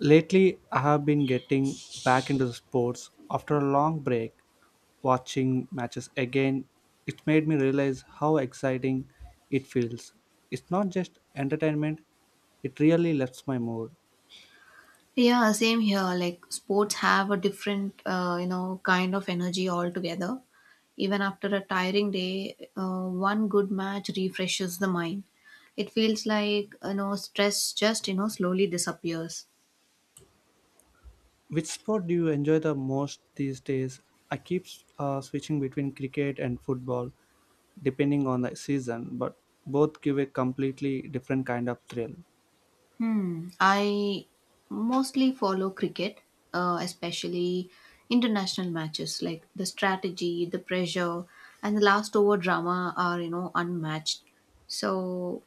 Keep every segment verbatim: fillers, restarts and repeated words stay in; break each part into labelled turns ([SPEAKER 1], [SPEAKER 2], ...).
[SPEAKER 1] Lately, I have been getting back into the sports after a long break. Watching matches again, it made me realize how exciting it feels. It's not just entertainment, it really lifts my mood.
[SPEAKER 2] Yeah, same here. Like sports have a different, uh, you know, kind of energy altogether. Even after a tiring day, uh, one good match refreshes the mind. It feels like, you know, stress just, you know, slowly disappears.
[SPEAKER 1] Which sport do you enjoy the most these days? I keep uh, switching between cricket and football depending on the season, but both give a completely different kind of thrill.
[SPEAKER 2] Hmm. I mostly follow cricket, uh, especially international matches. Like the strategy, the pressure, and the last over drama are you know unmatched. So,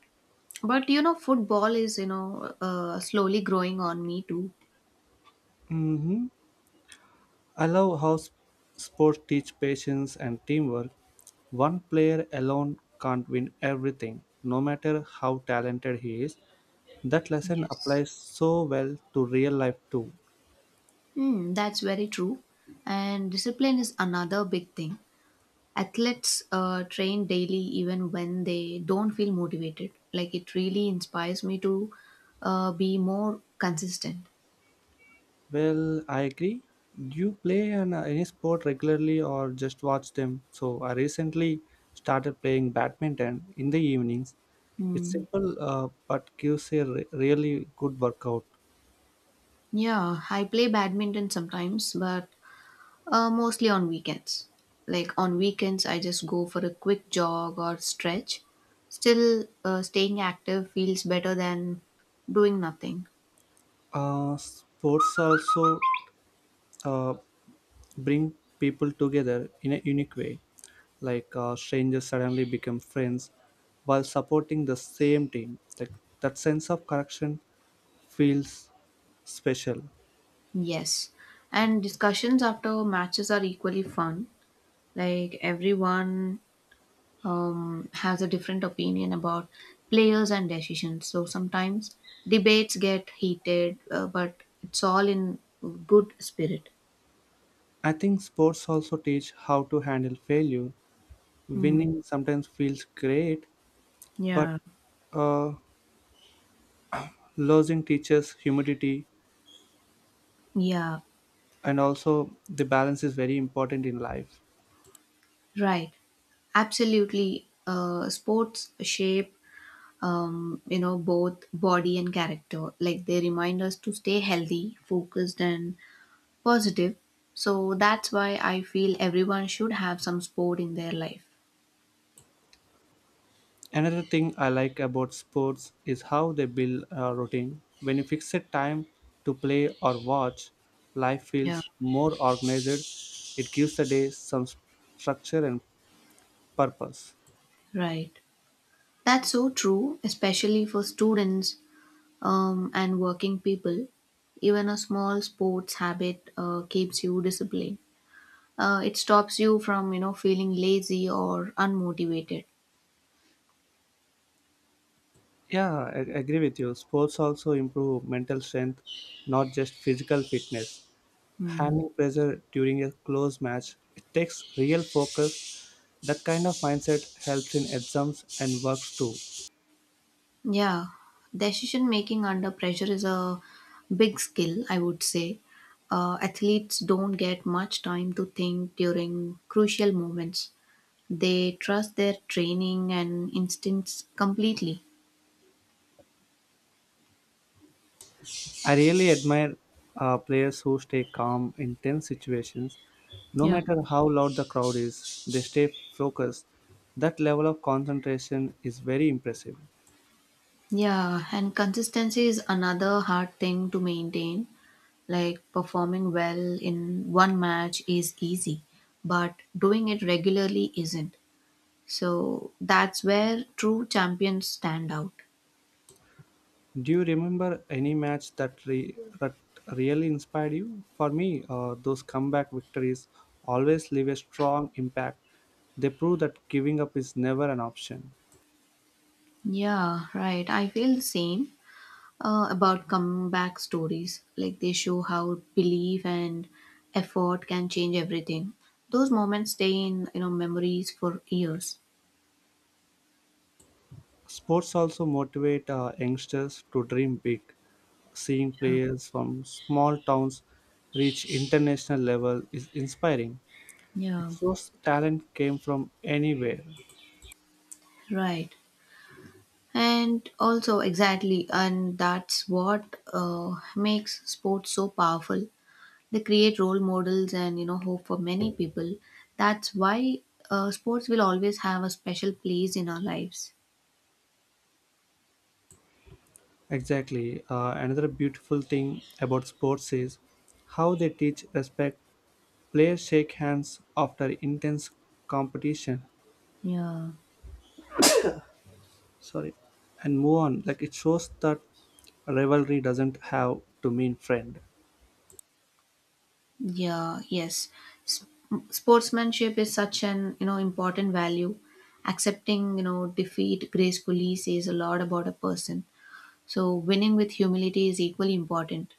[SPEAKER 2] but you know, football is you know uh, slowly growing on me too.
[SPEAKER 1] Mhm. I love how s- sports teach patience and teamwork. One player alone can't win everything, no matter how talented he is. That lesson
[SPEAKER 2] Yes.
[SPEAKER 1] applies so well to real life too.
[SPEAKER 2] Hmm. That's very true. And discipline is another big thing. Athletes uh, train daily even when they don't feel motivated. Like it really inspires me to uh, be more consistent.
[SPEAKER 1] Well, I agree. Do you play an, uh, any sport regularly or just watch them? So, I recently started playing badminton in the evenings. It's
[SPEAKER 2] Hmm.
[SPEAKER 1] simple uh, but gives a re- really good workout.
[SPEAKER 2] Yeah, I play badminton sometimes, but uh, mostly on weekends. Like on weekends, I just go for a quick jog or stretch. Still, uh, staying active feels better than doing nothing.
[SPEAKER 1] Uh, sports also uh, bring people together in a unique way. Like uh, strangers suddenly become friends while supporting the same team. Like that sense of connection feels special.
[SPEAKER 2] Yes. And discussions after matches are equally fun. Like everyone um, has a different opinion about players and decisions. So sometimes debates get heated, uh, but it's all in good spirit.
[SPEAKER 1] I think sports also teach how to handle failure.
[SPEAKER 2] Hmm.
[SPEAKER 1] Winning sometimes feels great, but
[SPEAKER 2] Yeah.
[SPEAKER 1] uh, losing teaches humility,
[SPEAKER 2] Yeah,
[SPEAKER 1] and also the balance is very important in life.
[SPEAKER 2] right. Absolutely. Uh, sports shape, um, you know, both body and character. Like they remind us to stay healthy, focused, and positive. So that's why I feel everyone should have some sport in their life.
[SPEAKER 1] Another thing I like about sports is how they build a routine. When you fix a time to play or watch, life
[SPEAKER 2] Yeah.
[SPEAKER 1] feels more organized. It gives the day some s- structure and purpose.
[SPEAKER 2] Right. That's so true, especially for students um, and working people. Even a small sports habit uh, keeps you disciplined. Uh, it stops you from you know feeling lazy or unmotivated.
[SPEAKER 1] Yeah, I I agree with you. Sports also improve mental strength, not just physical fitness. Handling pressure during a close match, it takes real focus. That kind of mindset helps in exams and works too.
[SPEAKER 2] Yeah, decision making under pressure is a big skill, I would say. Uh, athletes don't get much time to think during crucial moments. They trust their training and instincts completely.
[SPEAKER 1] I really admire uh, players who stay calm in tense situations. No
[SPEAKER 2] Yeah.
[SPEAKER 1] matter how loud the crowd is, they stay focused. That level of concentration is very impressive.
[SPEAKER 2] Yeah, and consistency is another hard thing to maintain. Like performing well in one match is easy, but doing it regularly isn't. So that's where true champions stand out.
[SPEAKER 1] Do you remember any match that, re- that really inspired you? For me, uh, those comeback victories always leave a strong impact. They prove that giving up is never an option.
[SPEAKER 2] Yeah, right. I feel the same uh, about comeback stories. Like they show how belief and effort can change everything. Those moments stay in you know memories for years.
[SPEAKER 1] Sports also motivate uh, youngsters to dream big. Seeing
[SPEAKER 2] Yeah,
[SPEAKER 1] players from small towns reach international level is inspiring. It
[SPEAKER 2] yeah,
[SPEAKER 1] shows talent came from anywhere.
[SPEAKER 2] right. And also, exactly, and that's what uh, makes sports so powerful. They create role models and you know hope for many people. That's why uh, sports will always have a special place in our lives.
[SPEAKER 1] Exactly. Uh, another beautiful thing about sports is how they teach respect. Players shake hands after intense competition.
[SPEAKER 2] Yeah.
[SPEAKER 1] Sorry. And move on. Like it shows that rivalry doesn't have to mean friend.
[SPEAKER 2] Yeah, yes. S- Sportsmanship is such an you know important value. Accepting you know defeat gracefully says a lot about a person. So winning with humility is equally important.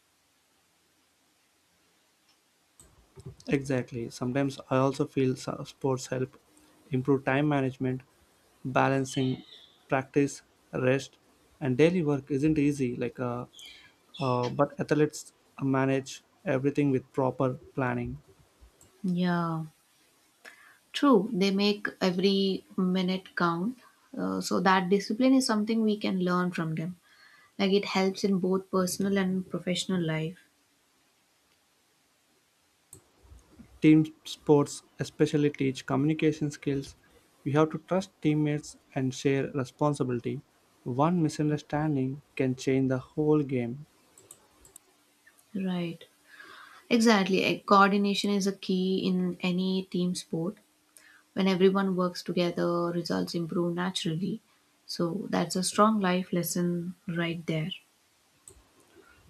[SPEAKER 1] Exactly. Sometimes I also feel so- sports help improve time management, balancing practice, rest, and daily work isn't easy. Like, uh, uh, but athletes manage everything with proper planning.
[SPEAKER 2] Yeah. True, they make every minute count. Uh, so that discipline is something we can learn from them. Like it helps in both personal and professional life.
[SPEAKER 1] Team sports especially teach communication skills. You have to trust teammates and share responsibility. One misunderstanding can change the whole game.
[SPEAKER 2] Right. Exactly. Uh, Coordination is a key in any team sport. When everyone works together, results improve naturally. So that's a strong life lesson right there.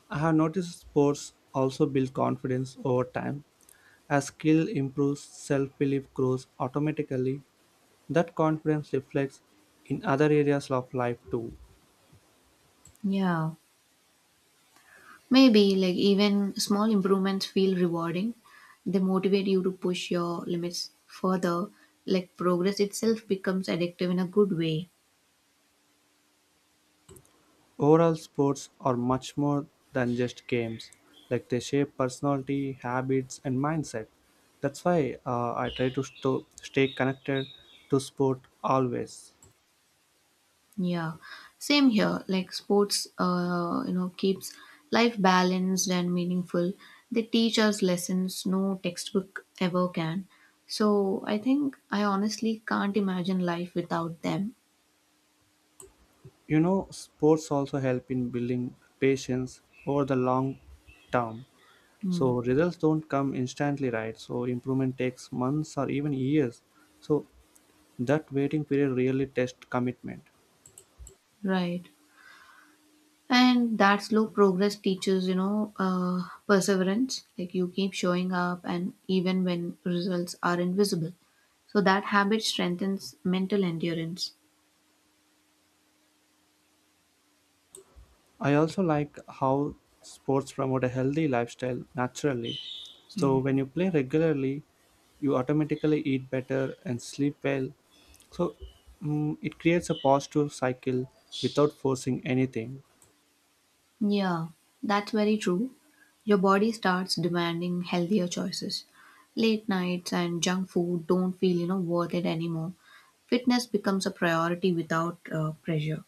[SPEAKER 1] I have noticed sports also build confidence over time. As skill improves, self belief grows automatically. That confidence reflects in other areas of life too.
[SPEAKER 2] Yeah. Maybe, like, even small improvements feel rewarding. They motivate you to push your limits further. Like, progress itself becomes addictive in a good way.
[SPEAKER 1] Overall, sports are much more than just games, like they shape personality, habits, and mindset. That's why uh, I try to sto- stay connected to sport always.
[SPEAKER 2] Yeah. Same here. Like, sports, uh, you know, keeps life balanced and meaningful. They teach us lessons no textbook ever can. So, I think I honestly can't imagine life without them.
[SPEAKER 1] You know, sports also help in building patience over the long term.
[SPEAKER 2] Hmm.
[SPEAKER 1] So results don't come instantly, right? So improvement takes months or even years. So that waiting period really tests commitment.
[SPEAKER 2] Right. And that slow progress teaches, you know, uh, perseverance. Like you keep showing up, and even when results are invisible. So that habit strengthens mental endurance.
[SPEAKER 1] I also like how sports promote a healthy lifestyle naturally. So
[SPEAKER 2] Mm.
[SPEAKER 1] when you play regularly, you automatically eat better and sleep well. So mm, it creates a positive cycle without forcing anything.
[SPEAKER 2] Yeah, that's very true. Your body starts demanding healthier choices. Late nights and junk food don't feel, you know, worth it anymore. Fitness becomes a priority without uh, pressure.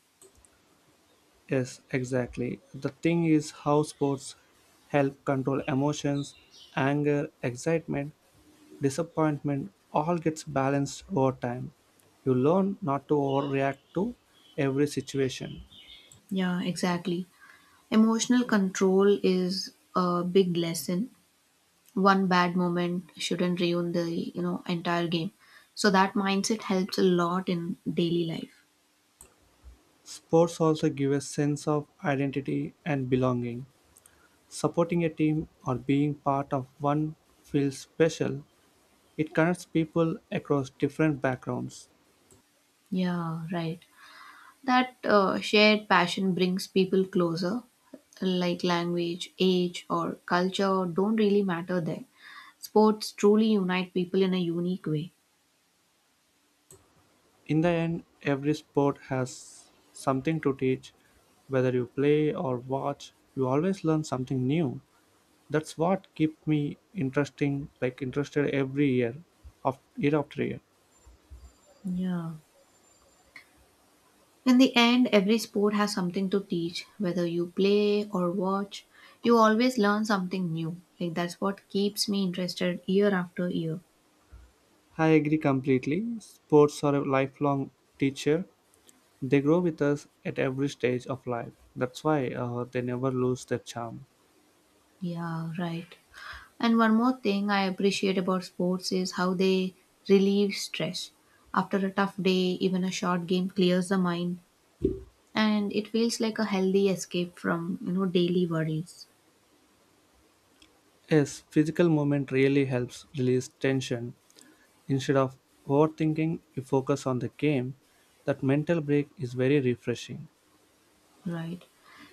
[SPEAKER 1] Yes, exactly. The thing is how sports help control emotions, anger, excitement, disappointment all gets balanced over time. You learn not to overreact to every situation.
[SPEAKER 2] Yeah, exactly. Emotional control is a big lesson. One bad moment shouldn't ruin the you know entire game. So that mindset helps a lot in daily life.
[SPEAKER 1] Sports also give a sense of identity and belonging. Supporting a team or being part of one feels special. It connects people across different backgrounds.
[SPEAKER 2] Yeah, right. That uh, shared passion brings people closer. Like language, age, or culture don't really matter there. Sports truly unite people in a unique way.
[SPEAKER 1] In the end, every sport has something to teach. Whether you play or watch, you always learn something new. That's what keep me interesting, like interested every year of year after year.
[SPEAKER 2] Yeah, in the end every sport has something to teach, whether you play or watch, you always learn something new. Like that's what keeps me interested year after year.
[SPEAKER 1] I agree completely. Sports are a lifelong teacher. They grow with us at every stage of life. That's why uh, they never lose their charm.
[SPEAKER 2] Yeah, right. And one more thing I appreciate about sports is how they relieve stress. After a tough day, even a short game clears the mind, and it feels like a healthy escape from, you know, daily worries.
[SPEAKER 1] Yes, physical movement really helps release tension. Instead of overthinking, you focus on the game. That mental break is very refreshing.
[SPEAKER 2] Right.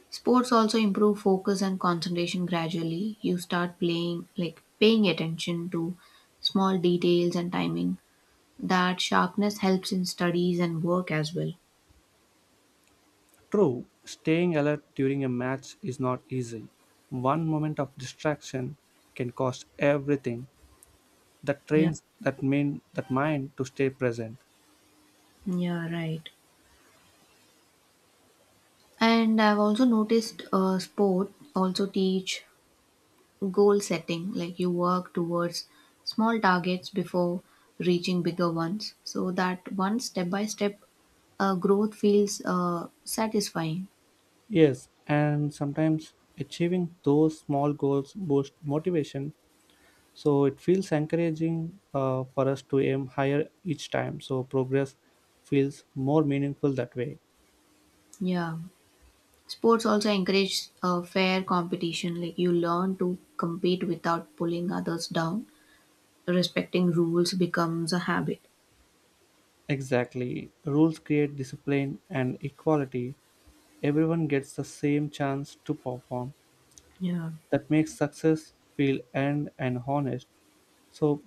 [SPEAKER 2] Sports also improve focus and concentration gradually. You start playing like paying attention to small details and timing. That sharpness helps in studies and work as well.
[SPEAKER 1] True, staying alert during a match is not easy. One moment of distraction can cost everything. That
[SPEAKER 2] Yeah.
[SPEAKER 1] trains that mean that mind to stay present.
[SPEAKER 2] Yeah, right. And I've also noticed uh, sport also teach goal setting, like you work towards small targets before reaching bigger ones, so that one step by step uh, growth feels uh, satisfying.
[SPEAKER 1] Yes, and sometimes achieving those small goals boost motivation. So it feels encouraging uh, for us to aim higher each time. So progress feels more meaningful that way.
[SPEAKER 2] Yeah, sports also encourage uh, fair competition, like you learn to compete without pulling others down. Respecting rules becomes a habit.
[SPEAKER 1] Exactly. Rules create discipline and equality. Everyone gets the same chance to perform.
[SPEAKER 2] Yeah.
[SPEAKER 1] That makes success feel earned and honest, so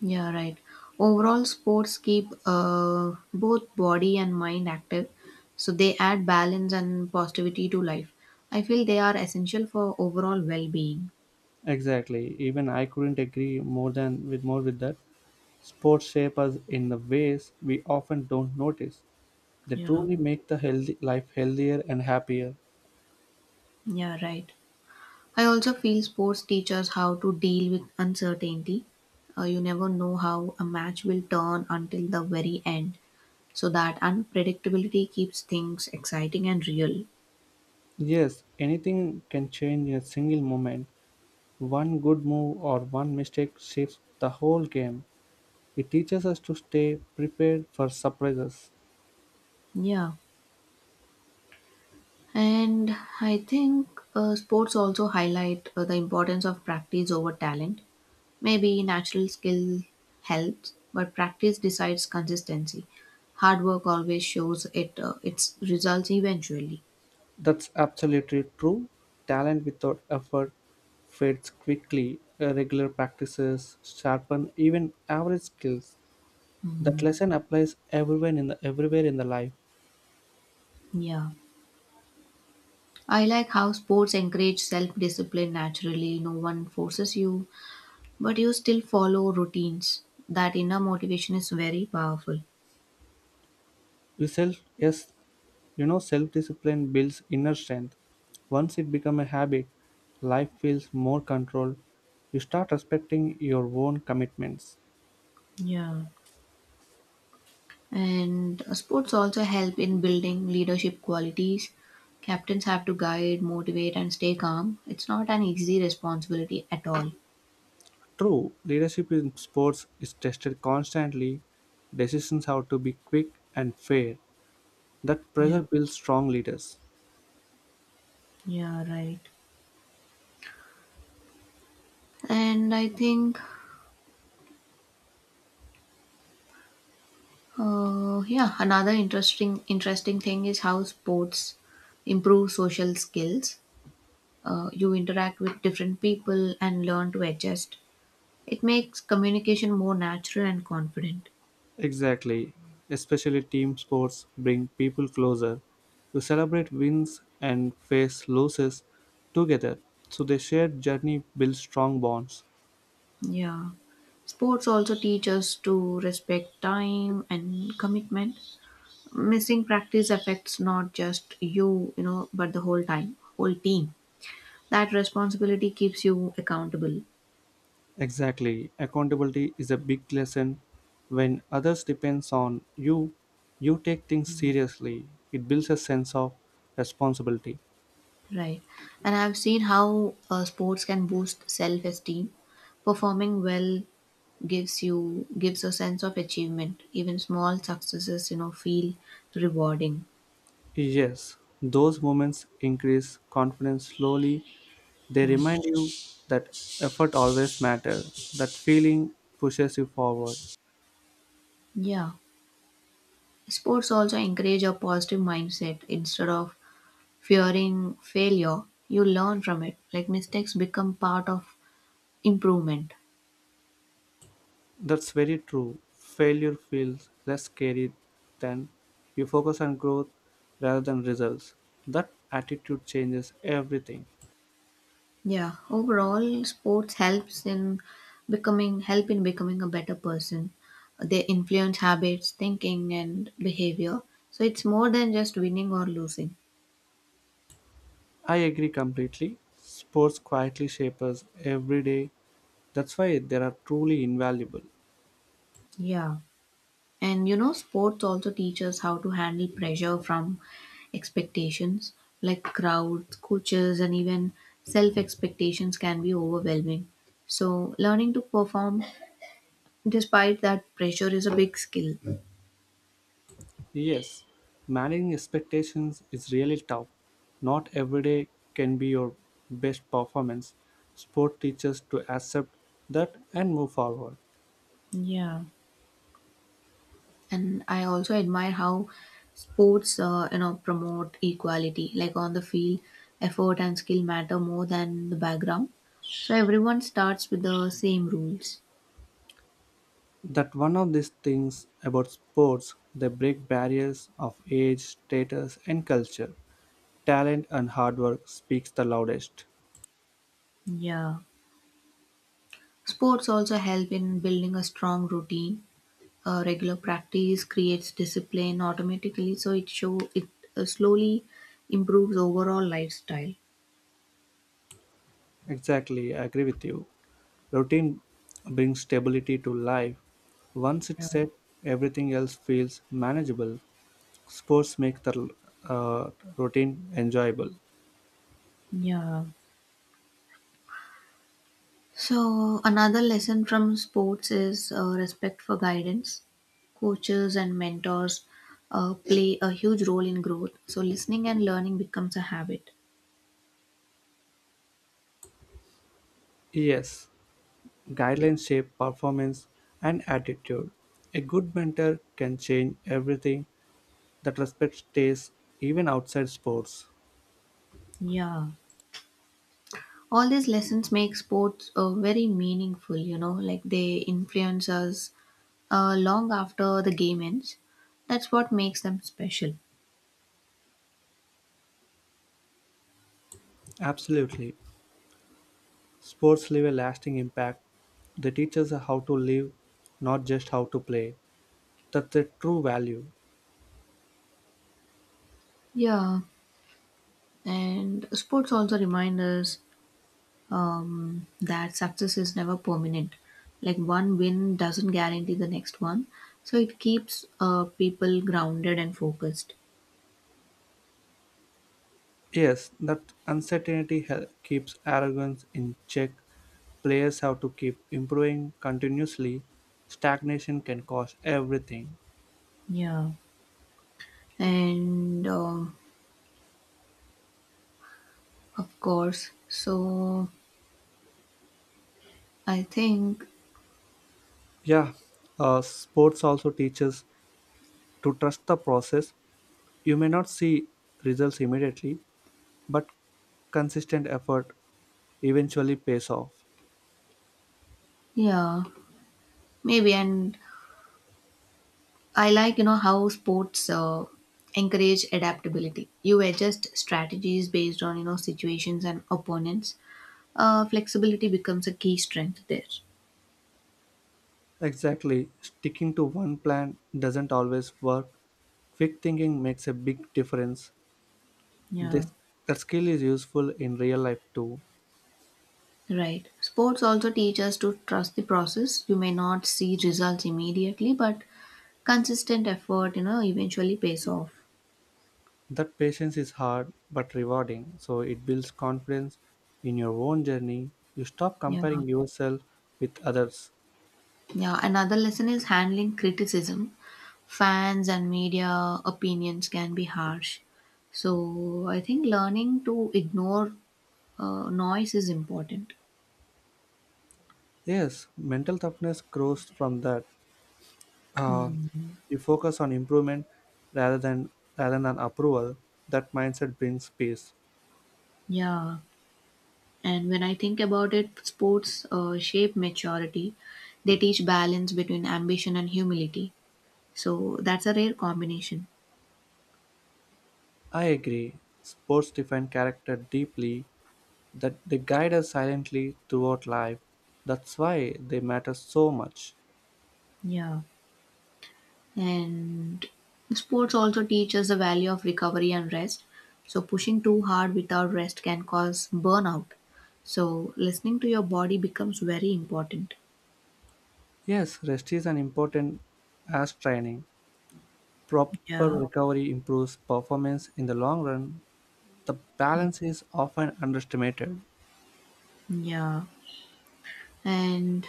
[SPEAKER 2] Yeah, right. Overall, sports keep uh, both body and mind active, so they add balance and positivity to life. I feel they are essential for overall well being.
[SPEAKER 1] exactly, even I couldn't agree more than with more with that. Sports shape us in the ways we often don't notice. They
[SPEAKER 2] Yeah,
[SPEAKER 1] truly make the healthy life healthier and happier.
[SPEAKER 2] yeah, right. I also feel sports teach us how to deal with uncertainty. Uh, you never know how a match will turn until the very end, so that unpredictability keeps things exciting and real.
[SPEAKER 1] Yes, anything can change in a single moment. One good move or one mistake shifts the whole game. It teaches us to stay prepared for surprises.
[SPEAKER 2] Yeah. And I think uh, sports also highlight uh, the importance of practice over talent. Maybe natural skill helps, but practice decides consistency. Hard work always shows it uh, its results eventually.
[SPEAKER 1] That's absolutely true. Talent without effort fades quickly. Uh, Regular practices sharpen even average skills. That
[SPEAKER 2] Mm,
[SPEAKER 1] lesson applies everywhere in the everywhere in the life.
[SPEAKER 2] yeah. I like how sports encourage self discipline naturally. No one forces you, but you still follow routines. That inner motivation is very powerful.
[SPEAKER 1] Self, yes, you know, self-discipline builds inner strength. Once it becomes a habit, life feels more controlled. You start respecting your own commitments.
[SPEAKER 2] Yeah. And uh, sports also help in building leadership qualities. Captains have to guide, motivate, and stay calm. It's not an easy responsibility at all.
[SPEAKER 1] True, leadership in sports is tested constantly. Decisions have to be quick and fair. That
[SPEAKER 2] Yeah,
[SPEAKER 1] pressure builds strong leaders.
[SPEAKER 2] yeah, right. And I think, uh, yeah, another interesting interesting thing is how sports improve social skills. Uh, you interact with different people and learn to adjust. It makes communication more natural and confident.
[SPEAKER 1] Exactly. Especially team sports bring people closer. You celebrate wins and face losses together. So the shared journey builds strong bonds.
[SPEAKER 2] Yeah. Sports also teach us to respect time and commitment. Missing practice affects not just you, you know, but the whole time, whole team. That responsibility keeps you accountable,
[SPEAKER 1] Exactly. Accountability is a big lesson. When others depends on you, you take things seriously. It builds a sense of responsibility.
[SPEAKER 2] right? And I've seen how uh, sports can boost self-esteem. Performing well gives you gives a sense of achievement. Even small successes, you know, feel rewarding.
[SPEAKER 1] Yes, those moments increase confidence slowly. They remind you that effort always matters, that feeling pushes you forward.
[SPEAKER 2] Yeah. Sports also encourage a positive mindset instead of fearing failure, you learn from it. Like mistakes become part of improvement.
[SPEAKER 1] That's very true. Failure feels less scary than you focus on growth rather than results. That attitude changes everything.
[SPEAKER 2] Yeah. Overall, sports helps in becoming help in becoming a better person. They influence habits, thinking, and behavior. So it's more than just winning or losing.
[SPEAKER 1] I agree completely. Sports quietly shape us every day. That's why they are truly invaluable.
[SPEAKER 2] Yeah. And you know, sports also teach us how to handle pressure from expectations, like crowds, coaches, and even self expectations can be overwhelming. So, learning to perform despite that, pressure is a big skill.
[SPEAKER 1] Yes, managing expectations is really tough. Not every day can be your best performance. Sport teaches to accept that and move forward.
[SPEAKER 2] Yeah. And I also admire how sports uh, you know promote equality. Like on the field, effort and skill matter more than the background, so everyone starts with the same rules.
[SPEAKER 1] That one of these things about sports, they break barriers of age, status, and culture. Talent and hard work speaks the loudest.
[SPEAKER 2] Yeah. Sports also help in building a strong routine. Uh, regular practice creates discipline automatically, so it show it uh, slowly improves overall lifestyle.
[SPEAKER 1] Exactly, I agree with you. Routine brings stability to life. Once it's
[SPEAKER 2] Yeah.
[SPEAKER 1] set, everything else feels manageable. Sports make the uh, routine enjoyable.
[SPEAKER 2] Yeah. So, another lesson from sports is uh, respect for guidance. Coaches and mentors uh, play a huge role in growth, so listening and learning becomes a habit.
[SPEAKER 1] Yes, guidelines shape performance and attitude. A good mentor can change everything. That respect stays even outside sports.
[SPEAKER 2] Yeah. All these lessons make sports uh, very meaningful, you know, like they influence us uh, long after the game ends. That's what makes them special.
[SPEAKER 1] Absolutely. Sports leave a lasting impact. They teach us how to live, not just how to play. That's a true value.
[SPEAKER 2] Yeah, and sports also remind us um, that success is never permanent. Like one win doesn't guarantee the next one, so it keeps uh, people grounded and focused.
[SPEAKER 1] Yes, that uncertainty hel- keeps arrogance in check. Players have to keep improving continuously. Stagnation can cost everything.
[SPEAKER 2] Yeah. And um of course, so I think,
[SPEAKER 1] Yeah, uh, sports also teaches to trust the process. You may not see results immediately, but consistent effort eventually pays off.
[SPEAKER 2] yeah, maybe. And I like, you know, how sports uh, encourage adaptability. You adjust strategies based on, you know, situations and opponents. Uh, flexibility becomes a key strength there.
[SPEAKER 1] Exactly, sticking to one plan doesn't always work. Quick thinking makes a big difference.
[SPEAKER 2] Yeah.
[SPEAKER 1] This that skill is useful in real life too.
[SPEAKER 2] Right. Sports also teach us to trust the process. You may not see results immediately, but consistent effort, you know, eventually pays off.
[SPEAKER 1] That patience is hard but rewarding, so it builds confidence in your own journey. You stop
[SPEAKER 2] Yeah.
[SPEAKER 1] comparing yourself with others.
[SPEAKER 2] Yeah. Another lesson is handling criticism. Fans and media opinions can be harsh. So I think learning to ignore uh, noise is important.
[SPEAKER 1] Yes, mental toughness grows from that. Uh,
[SPEAKER 2] Mm,
[SPEAKER 1] you focus on improvement rather than rather than approval. That mindset brings peace.
[SPEAKER 2] yeah. And when I think about it, sports uh, shape maturity. They teach balance between ambition and humility. So that's a rare combination.
[SPEAKER 1] I agree. Sports define character deeply. That they guide us silently throughout life. That's why they matter so much.
[SPEAKER 2] Yeah. And sports also teach us the value of recovery and rest. So pushing too hard without rest can cause burnout. So listening to your body becomes very important.
[SPEAKER 1] Yes, rest is an important as training. Proper
[SPEAKER 2] Yeah.
[SPEAKER 1] recovery improves performance in the long run, the balance is often underestimated.
[SPEAKER 2] Yeah. And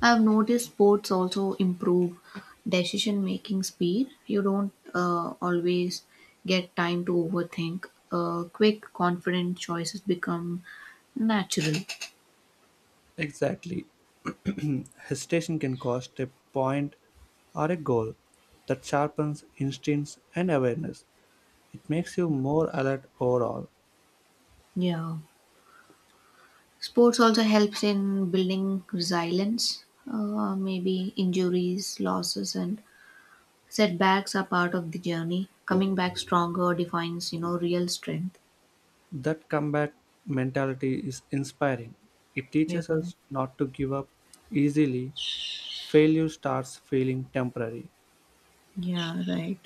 [SPEAKER 2] I've noticed sports also improve decision making speed. You don't uh, always get time to overthink. Uh, quick, confident choices become natural.
[SPEAKER 1] Exactly. Hesitation can cost a point or a goal that sharpens instincts and awareness. It makes you more alert overall.
[SPEAKER 2] Yeah. Sports also helps in building resilience. Uh, maybe injuries, losses, and setbacks are part of the journey. Coming back stronger defines, you know, real strength.
[SPEAKER 1] That comeback mentality is inspiring. It
[SPEAKER 2] Yeah,
[SPEAKER 1] teaches us not to give up easily. Failure starts feeling temporary.
[SPEAKER 2] yeah, right.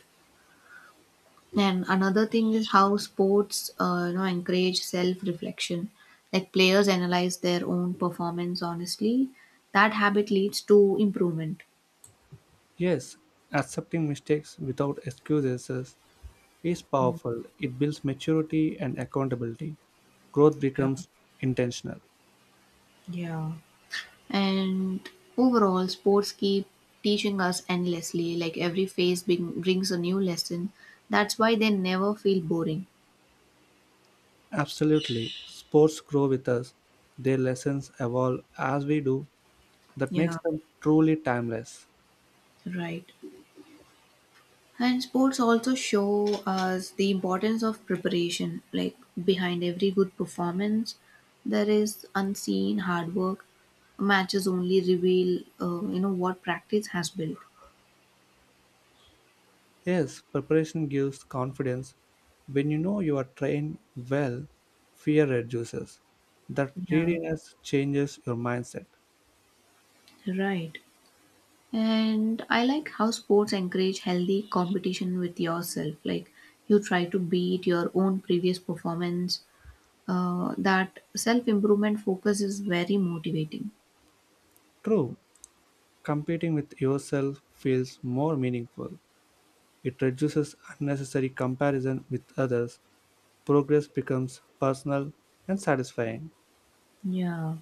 [SPEAKER 2] And another thing is how sports, uh, you know, encourage self-reflection. Like players analyze their own performance honestly. That habit leads to improvement.
[SPEAKER 1] Yes, accepting mistakes without excuses is is powerful. It builds maturity and accountability. Growth
[SPEAKER 2] Yeah,
[SPEAKER 1] becomes intentional.
[SPEAKER 2] yeah. And overall, sports keep teaching us endlessly. Like every phase bring, brings a new lesson. That's why they never feel boring.
[SPEAKER 1] Absolutely. Sports grow with us. Their lessons evolve as we do. That makes
[SPEAKER 2] Yeah,
[SPEAKER 1] them truly timeless.
[SPEAKER 2] right. And sports also show us the importance of preparation. Like behind every good performance, there is unseen hard work. Matches only reveal, uh, you know, what practice has built.
[SPEAKER 1] Yes, preparation gives confidence. When you know you are trained well, fear reduces. That
[SPEAKER 2] Yeah,
[SPEAKER 1] readiness changes your mindset.
[SPEAKER 2] right. And I like how sports encourage healthy competition with yourself. Like you try to beat your own previous performance. Uh, that self improvement focus is very motivating.
[SPEAKER 1] True, competing with yourself feels more meaningful. It reduces unnecessary comparison with others. Progress becomes personal and satisfying.
[SPEAKER 2] Yeah.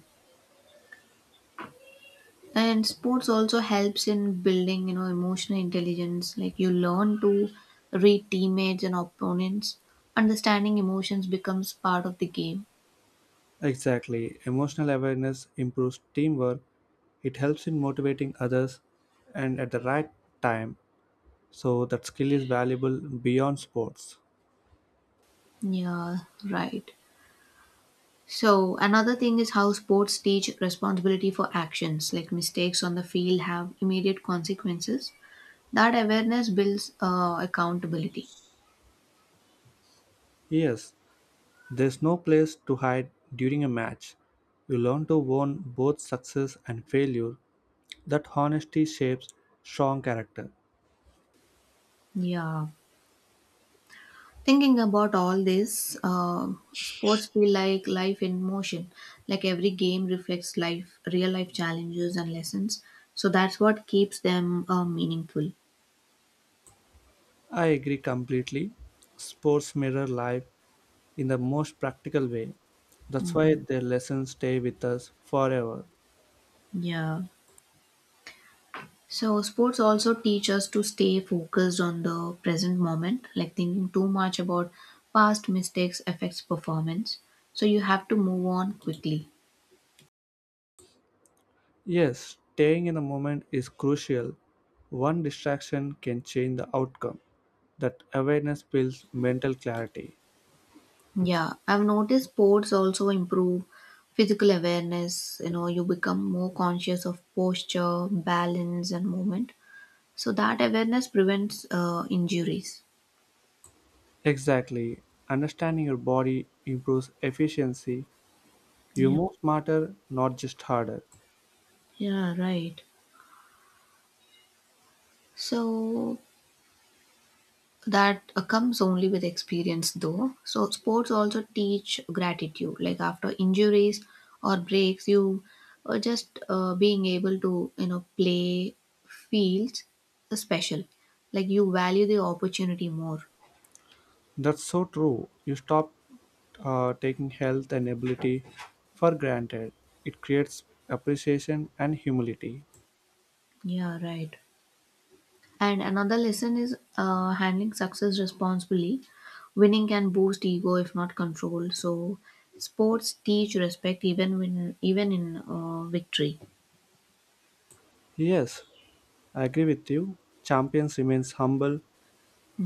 [SPEAKER 2] And sports also helps in building, you know, emotional intelligence. Like you learn to read teammates and opponents. Understanding emotions becomes part of the game.
[SPEAKER 1] Exactly. Emotional awareness improves teamwork. It helps in motivating others and at the right time. So that skill is valuable beyond sports.
[SPEAKER 2] Yeah, right. So another thing is how sports teach responsibility for actions, like mistakes on the field have immediate consequences. That awareness builds uh, accountability.
[SPEAKER 1] Yes, there's no place to hide during a match. You learn to own both success and failure. That honesty shapes strong character.
[SPEAKER 2] Yeah, thinking about all this, uh, sports feel like life in motion. Like every game reflects life, real life challenges and lessons. So that's what keeps them uh, meaningful.
[SPEAKER 1] I agree completely. Sports mirror life in the most practical way. That's why their lessons stay with us forever.
[SPEAKER 2] Yeah. So, sports also teach us to stay focused on the present moment, like thinking too much about past mistakes affects performance. So, you have to move on quickly.
[SPEAKER 1] Yes, staying in the moment is crucial. One distraction can change the outcome. That awareness builds mental clarity.
[SPEAKER 2] Yeah, I've noticed sports also improve physical awareness. You know, you become more conscious of posture, balance, and movement. So, that awareness prevents uh, injuries.
[SPEAKER 1] Exactly. Understanding your body improves efficiency. You
[SPEAKER 2] Yeah,
[SPEAKER 1] move smarter, not just harder.
[SPEAKER 2] yeah, right. So, that uh, comes only with experience though, so sports also teach gratitude, like after injuries or breaks you uh, just uh, being able to you know play feels special. Like you value the opportunity more.
[SPEAKER 1] That's so true. You stop uh, taking health and ability for granted. It creates appreciation and humility.
[SPEAKER 2] Yeah, right. And another lesson is uh, handling success responsibly. Winning can boost ego if not controlled, so sports teach respect even when even in uh, victory.
[SPEAKER 1] Yes, I agree with you. Champions remains humble.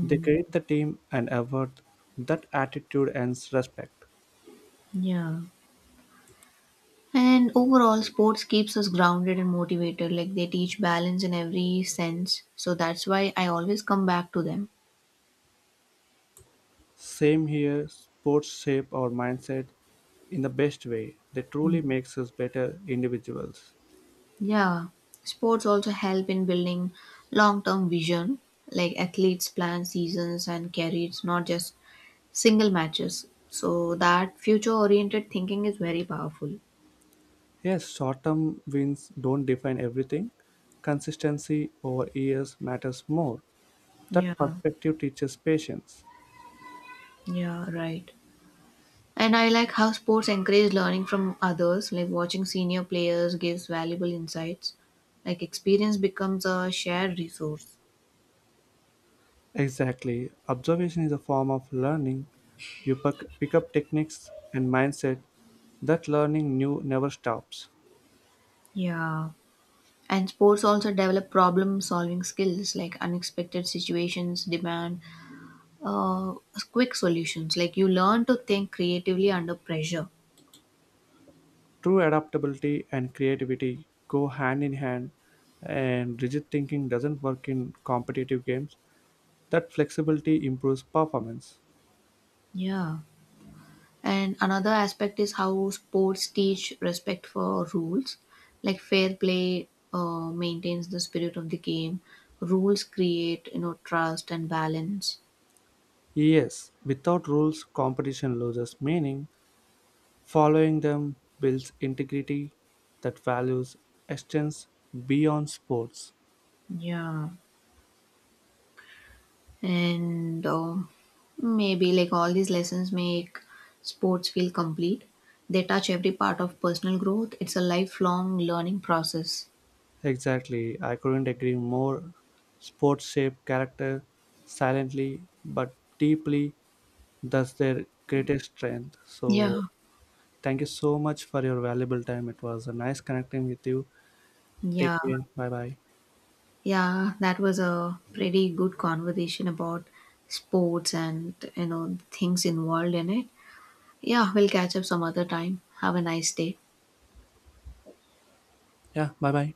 [SPEAKER 1] They create the team and effort. That attitude earns respect.
[SPEAKER 2] Yeah. And overall, sports keeps us grounded and motivated. Like they teach balance in every sense. So that's why I always come back to them.
[SPEAKER 1] Same here, sports shape our mindset in the best way. They truly makes us better individuals.
[SPEAKER 2] Yeah. Sports also help in building long term vision. Like athletes plan seasons and careers, not just single matches. So that future oriented thinking is very powerful.
[SPEAKER 1] Yes, short-term wins don't define everything. Consistency over years matters more. That
[SPEAKER 2] Yeah.
[SPEAKER 1] perspective teaches patience.
[SPEAKER 2] Yeah, right. And I like how sports encourage learning from others, like watching senior players gives valuable insights. Like experience becomes a shared resource.
[SPEAKER 1] Exactly. Observation is a form of learning. You pick pick up techniques and mindset that learning new never stops.
[SPEAKER 2] Yeah. And sports also develop problem solving skills, like unexpected situations demand uh, quick solutions. Like you learn to think creatively under pressure.
[SPEAKER 1] True adaptability and creativity go hand in hand, and rigid thinking doesn't work in competitive games. That flexibility improves performance.
[SPEAKER 2] Yeah. And another aspect is how sports teach respect for rules, like fair play uh, maintains the spirit of the game. Rules create, you know, trust and balance.
[SPEAKER 1] Yes, without rules, competition loses meaning. Following them builds integrity that values extends beyond sports.
[SPEAKER 2] Yeah. and uh, maybe like all these lessons make sports feel complete. They touch every part of personal growth. It's a lifelong learning process.
[SPEAKER 1] Exactly, I couldn't agree more. Sports shape character silently but deeply, that's their greatest strength. So,
[SPEAKER 2] Yeah.
[SPEAKER 1] thank you so much for your valuable time. It was a nice connecting with you.
[SPEAKER 2] Yeah.
[SPEAKER 1] Take care. Bye bye.
[SPEAKER 2] Yeah, that was a pretty good conversation about sports and you know things involved in it. Yeah, we'll catch up some other time. Have a nice day.
[SPEAKER 1] Yeah, bye bye.